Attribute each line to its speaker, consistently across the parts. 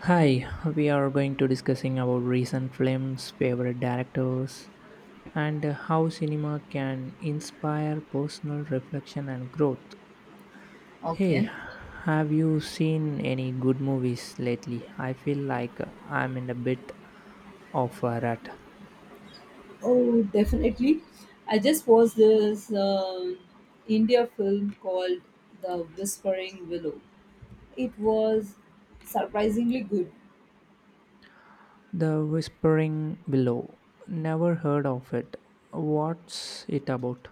Speaker 1: Hi, we are going to discussing about recent films, favorite directors, and how cinema can inspire personal reflection and growth.
Speaker 2: Okay.
Speaker 1: Hey, have you seen any good movies lately? I feel like I'm in a bit of a rut.
Speaker 2: Oh, definitely. I just watched this India film called The Whispering Willow. It was surprisingly good.
Speaker 1: The Whispering Willow. Never heard of it. What's it about?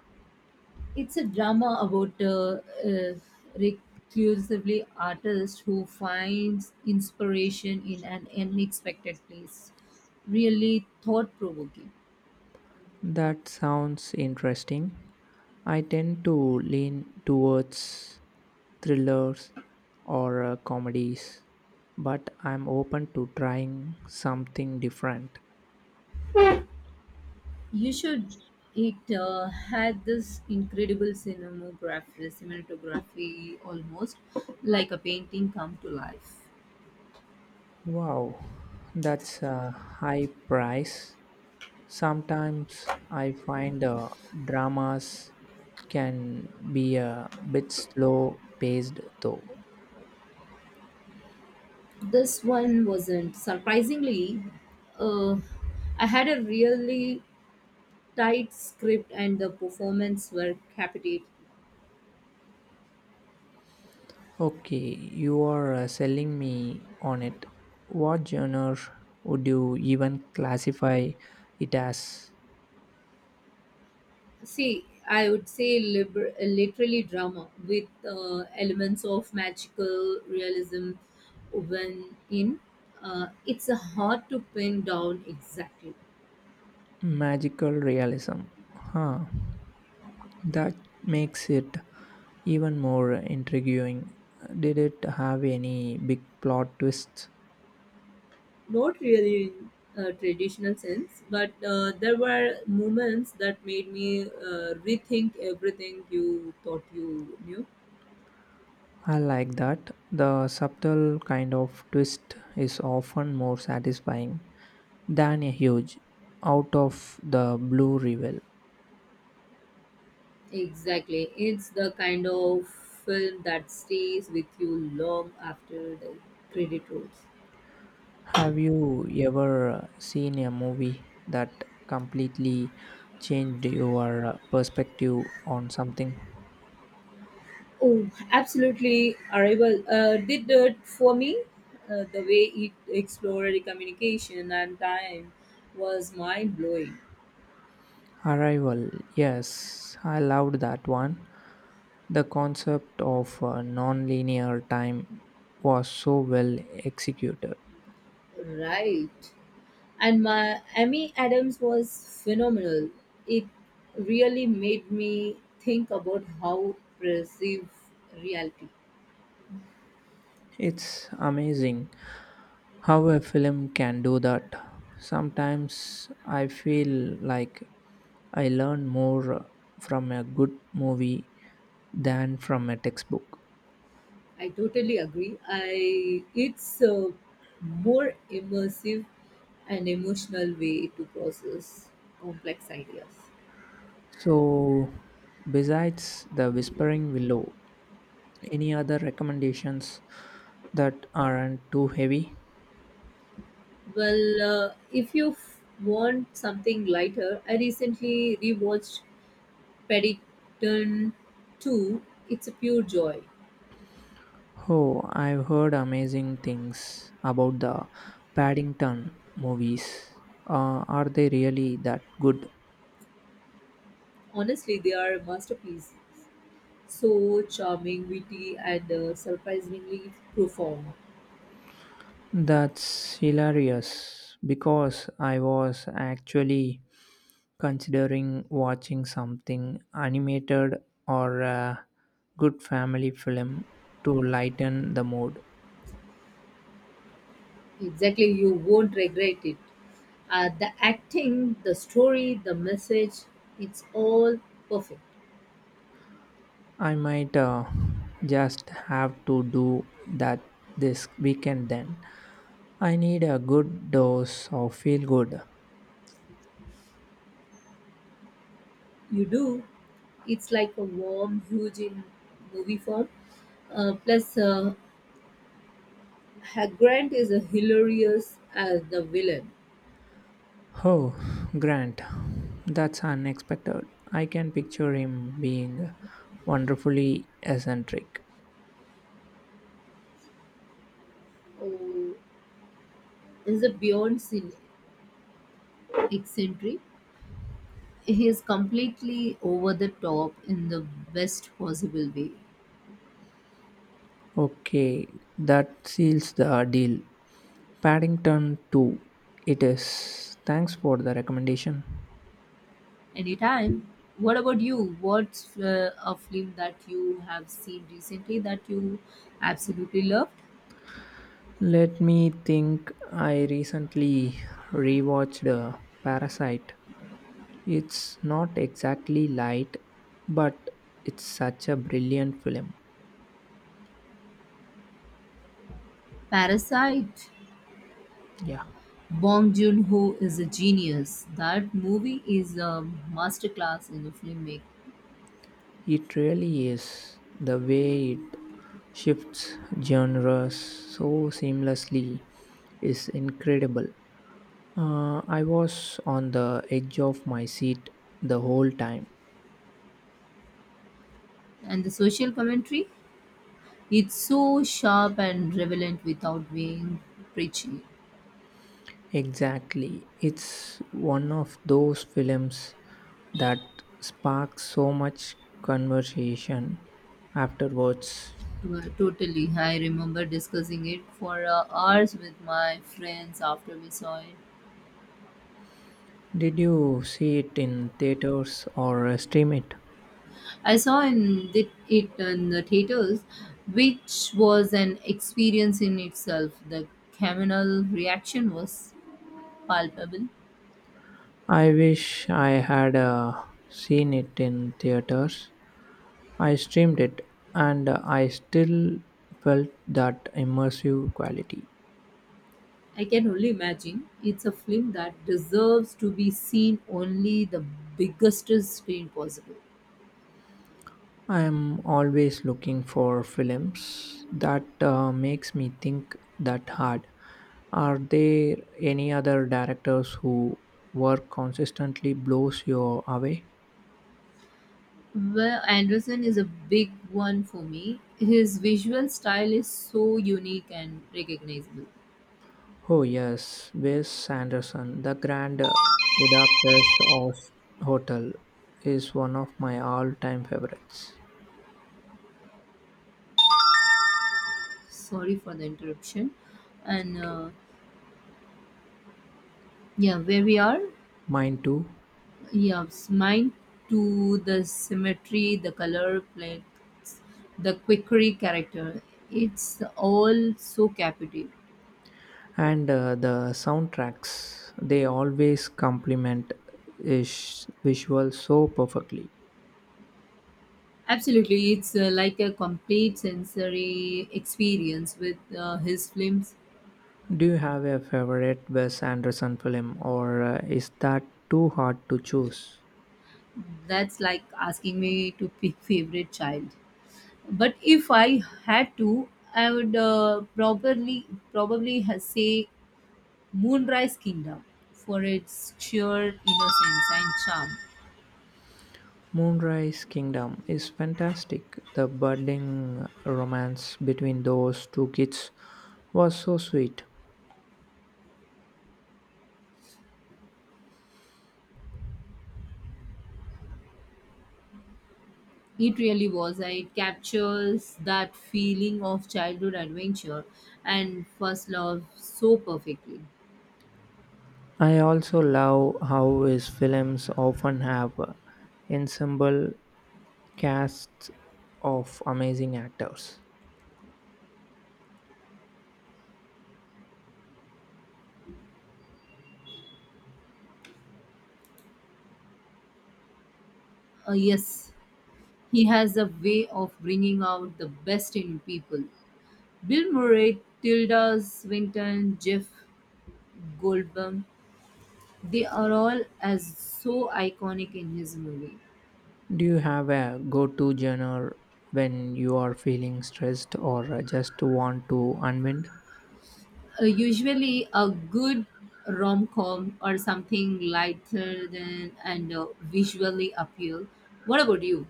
Speaker 2: It's a drama about a reclusively artist who finds inspiration in an unexpected place. Really thought provoking.
Speaker 1: That sounds interesting. I tend to lean towards thrillers or comedies, but I'm open to trying something different.
Speaker 2: You should. It had this incredible cinematography, almost like a painting come to life.
Speaker 1: Wow, that's a high price. Sometimes I find dramas can be a bit slow paced though.
Speaker 2: This one wasn't. Surprisingly, uh, I had a really tight script and the performance were captivating.
Speaker 1: Okay, you are selling me on it. What genre would you even classify it as?
Speaker 2: See, I would say literally drama with elements of magical realism woven in. It's hard to pin down exactly.
Speaker 1: Magical realism. Huh. That makes it even more intriguing. Did it have any big plot twists?
Speaker 2: Not really in a traditional sense, but there were moments that made me rethink everything you thought you knew.
Speaker 1: I like that. The subtle kind of twist is often more satisfying than a huge, out of the blue reveal.
Speaker 2: Exactly. It's the kind of film that stays with you long after the credit rolls.
Speaker 1: Have you ever seen a movie that completely changed your perspective on something?
Speaker 2: Oh, absolutely, Arrival did it for me. The way it explored communication and time was mind blowing.
Speaker 1: Arrival, yes, I loved that one. The concept of non-linear time was so well executed.
Speaker 2: Right, and my Amy Adams was phenomenal. It really made me think about how perceive reality.
Speaker 1: It's amazing how a film can do that. Sometimes I feel like I learn more from a good movie than from a textbook.
Speaker 2: I totally agree. I It's a more immersive and emotional way to process complex ideas.
Speaker 1: So, besides The Whispering Willow, any other recommendations that aren't too heavy?
Speaker 2: Well, if you want something lighter, I recently rewatched Paddington 2. It's a pure joy.
Speaker 1: Oh, I've heard amazing things about the Paddington movies. Are they really that good?
Speaker 2: Honestly, they are a masterpiece. So charming, witty, and surprisingly profound.
Speaker 1: That's hilarious because I was actually considering watching something animated or a good family film to lighten the mood.
Speaker 2: Exactly, you won't regret it. The acting, the story, the message, it's all perfect.
Speaker 1: I might just have to do that this weekend then. I need a good dose of feel good.
Speaker 2: You do. It's like a warm, huge in movie form. Plus, Grant is a hilarious as the villain.
Speaker 1: Oh, Grant, that's unexpected. I can picture him being wonderfully eccentric.
Speaker 2: Oh, is a eccentric. He is completely over the top in the best possible way.
Speaker 1: Okay, that seals the deal. Paddington 2, it is. Thanks for the recommendation.
Speaker 2: Anytime. What about you? What's a film that you have seen recently that you absolutely loved?
Speaker 1: Let me think. I recently rewatched Parasite. It's not exactly light, but it's such a brilliant film.
Speaker 2: Parasite.
Speaker 1: Yeah,
Speaker 2: Bong Joon-ho is a genius. That movie is a masterclass in filmmaking.
Speaker 1: it really is. The way it shifts genres so seamlessly is incredible. I was on the edge of my seat the whole time.
Speaker 2: And the social commentary, it's so sharp and relevant without being preachy.
Speaker 1: Exactly. It's one of those films that sparks so much conversation afterwards.
Speaker 2: Totally. I remember discussing it for hours with my friends after we saw it.
Speaker 1: Did you see it in theaters or stream it?
Speaker 2: I saw it in the theaters, which was an experience in itself. The communal reaction was palpable.
Speaker 1: I wish I had seen it in theaters. I streamed it and I still felt that immersive quality.
Speaker 2: I can only imagine it's a film that deserves to be seen only the biggest screen possible.
Speaker 1: I am always looking for films that makes me think that hard. Are there any other directors who work consistently blows you away?
Speaker 2: Well, Anderson is a big one for me. His visual style is so unique and recognizable.
Speaker 1: Oh, yes, Wes Anderson, the Grand Budapest House- Hotel is one of my all time favorites.
Speaker 2: Sorry for the interruption. And
Speaker 1: Okay.
Speaker 2: Yeah, where we are?
Speaker 1: Mine too.
Speaker 2: Yes, mine too. The symmetry, the color plates, the quickery character. It's all so captivating.
Speaker 1: And the soundtracks, they always complement his visuals so perfectly.
Speaker 2: Absolutely, it's like a complete sensory experience with his films.
Speaker 1: Do you have a favorite Wes Anderson film, or is that too hard to choose?
Speaker 2: That's like asking me to pick favorite child. But if I had to, I would probably say Moonrise Kingdom for its sheer innocence and charm.
Speaker 1: Moonrise Kingdom is fantastic. The budding romance between those two kids was so sweet.
Speaker 2: It really was. It captures that feeling of childhood adventure and first love so perfectly.
Speaker 1: I also love how his films often have ensemble casts of amazing actors.
Speaker 2: Yes, he has a way of bringing out the best in people. Bill Murray, Tilda Swinton, Jeff Goldblum, they are all as so iconic in his movie.
Speaker 1: Do you have a go to genre when you are feeling stressed or just want to unwind?
Speaker 2: Usually, a good rom com or something lighter than and visually appeal. What about you?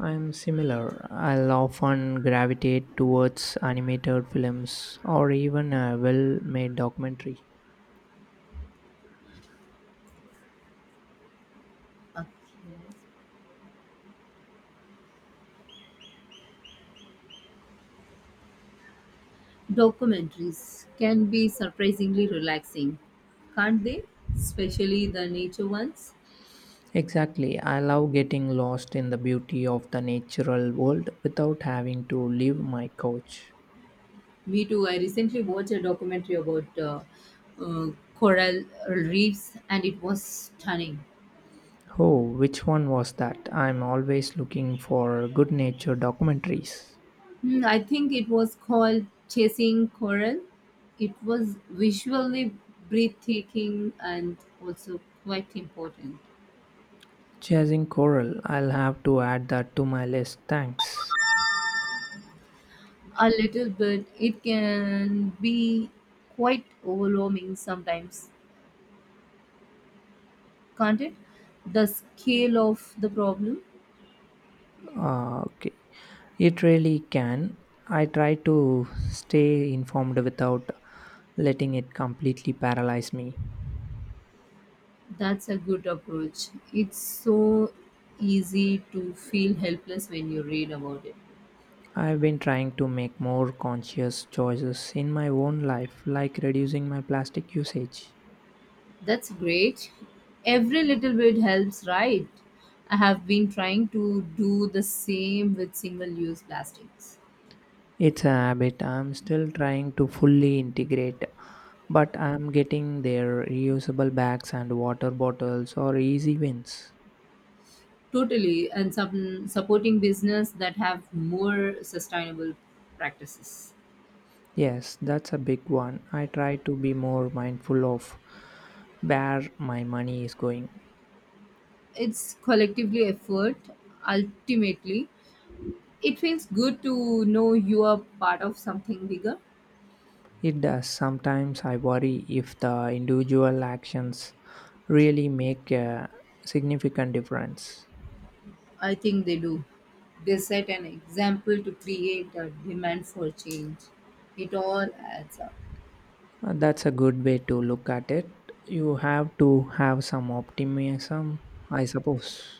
Speaker 1: I'm similar. I'll often gravitate towards animated films or even a well made documentary.
Speaker 2: Okay. Documentaries can be surprisingly relaxing, can't they? Especially the nature ones.
Speaker 1: Exactly. I love getting lost in the beauty of the natural world without having to leave my couch.
Speaker 2: Me too. I recently watched a documentary about uh, coral reefs and it was stunning.
Speaker 1: Oh, which one was that? I'm always looking for good nature documentaries.
Speaker 2: Hmm, I think it was called Chasing Coral. It was visually breathtaking and also quite important.
Speaker 1: Chasing Coral, I'll have to add that to my list. Thanks.
Speaker 2: A little bit, it can be quite overwhelming sometimes, can't it? The scale of the problem,
Speaker 1: Ah, okay. It really can. I try to stay informed without letting it completely paralyze me.
Speaker 2: that's a good approach. It's so easy to feel helpless when you read about it.
Speaker 1: I've been trying to make more conscious choices in my own life, like reducing my plastic usage.
Speaker 2: That's great. Every little bit helps, right? I have been trying to do the same with single use plastics.
Speaker 1: It's a habit I'm still trying to fully integrate, but I'm getting there. Reusable bags and water bottles are easy wins.
Speaker 2: Totally, and some supporting business that have more sustainable practices.
Speaker 1: Yes, that's a big one. I try to be more mindful of where my money is going.
Speaker 2: It's collectively effort ultimately. It feels good to know you are part of something bigger.
Speaker 1: It does. Sometimes I worry if the individual actions really make a significant difference.
Speaker 2: I think they do. They set an example to create a demand for change. It all adds up.
Speaker 1: That's a good way to look at it. You have to have some optimism, I suppose.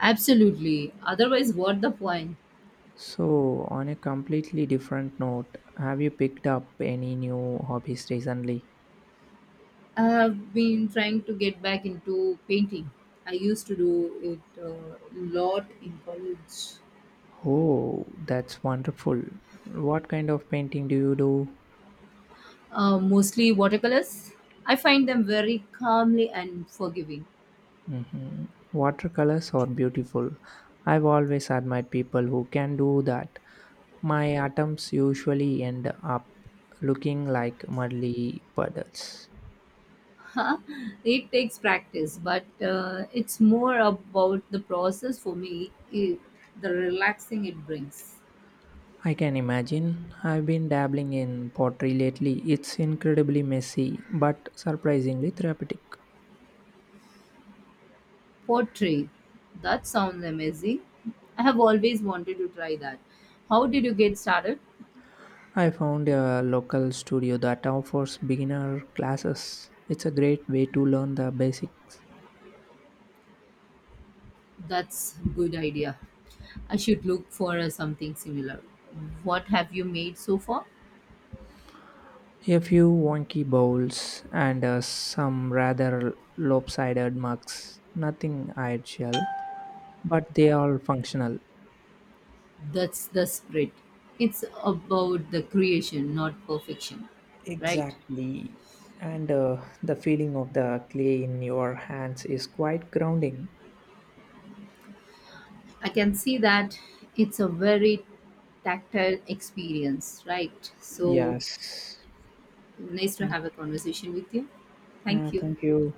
Speaker 2: Absolutely. Otherwise, what the point?
Speaker 1: So, on a completely different note, have you picked up any new hobbies recently?
Speaker 2: I have been trying to get back into painting. I used to do it a lot in college.
Speaker 1: Oh, that's wonderful. What kind of painting do you do?
Speaker 2: Mostly watercolors. I find them very calmly and forgiving.
Speaker 1: Mhm. Watercolors are beautiful. I've always admired people who can do that. My atoms usually end up looking like muddy puddles.
Speaker 2: It takes practice, but it's more about the process for me, it, the relaxing it brings.
Speaker 1: I can imagine. I've been dabbling in pottery lately. It's incredibly messy, but surprisingly therapeutic.
Speaker 2: Pottery. That sounds amazing. I have always wanted to try that. How did you get started?
Speaker 1: I found a local studio that offers beginner classes. It's a great way to learn the basics.
Speaker 2: That's good idea. I should look for something similar. What have you made so far?
Speaker 1: A few wonky bowls and some rather lopsided mugs. Nothing ideal, but they are functional.
Speaker 2: That's the spirit. It's about the creation, not perfection, right?
Speaker 1: Exactly. And the feeling of the clay in your hands is quite grounding.
Speaker 2: I can see that it's a very tactile experience, right? So
Speaker 1: Yes.
Speaker 2: nice to
Speaker 1: Thank
Speaker 2: have a conversation with you.
Speaker 1: yeah,
Speaker 2: Thank you.
Speaker 1: thank you.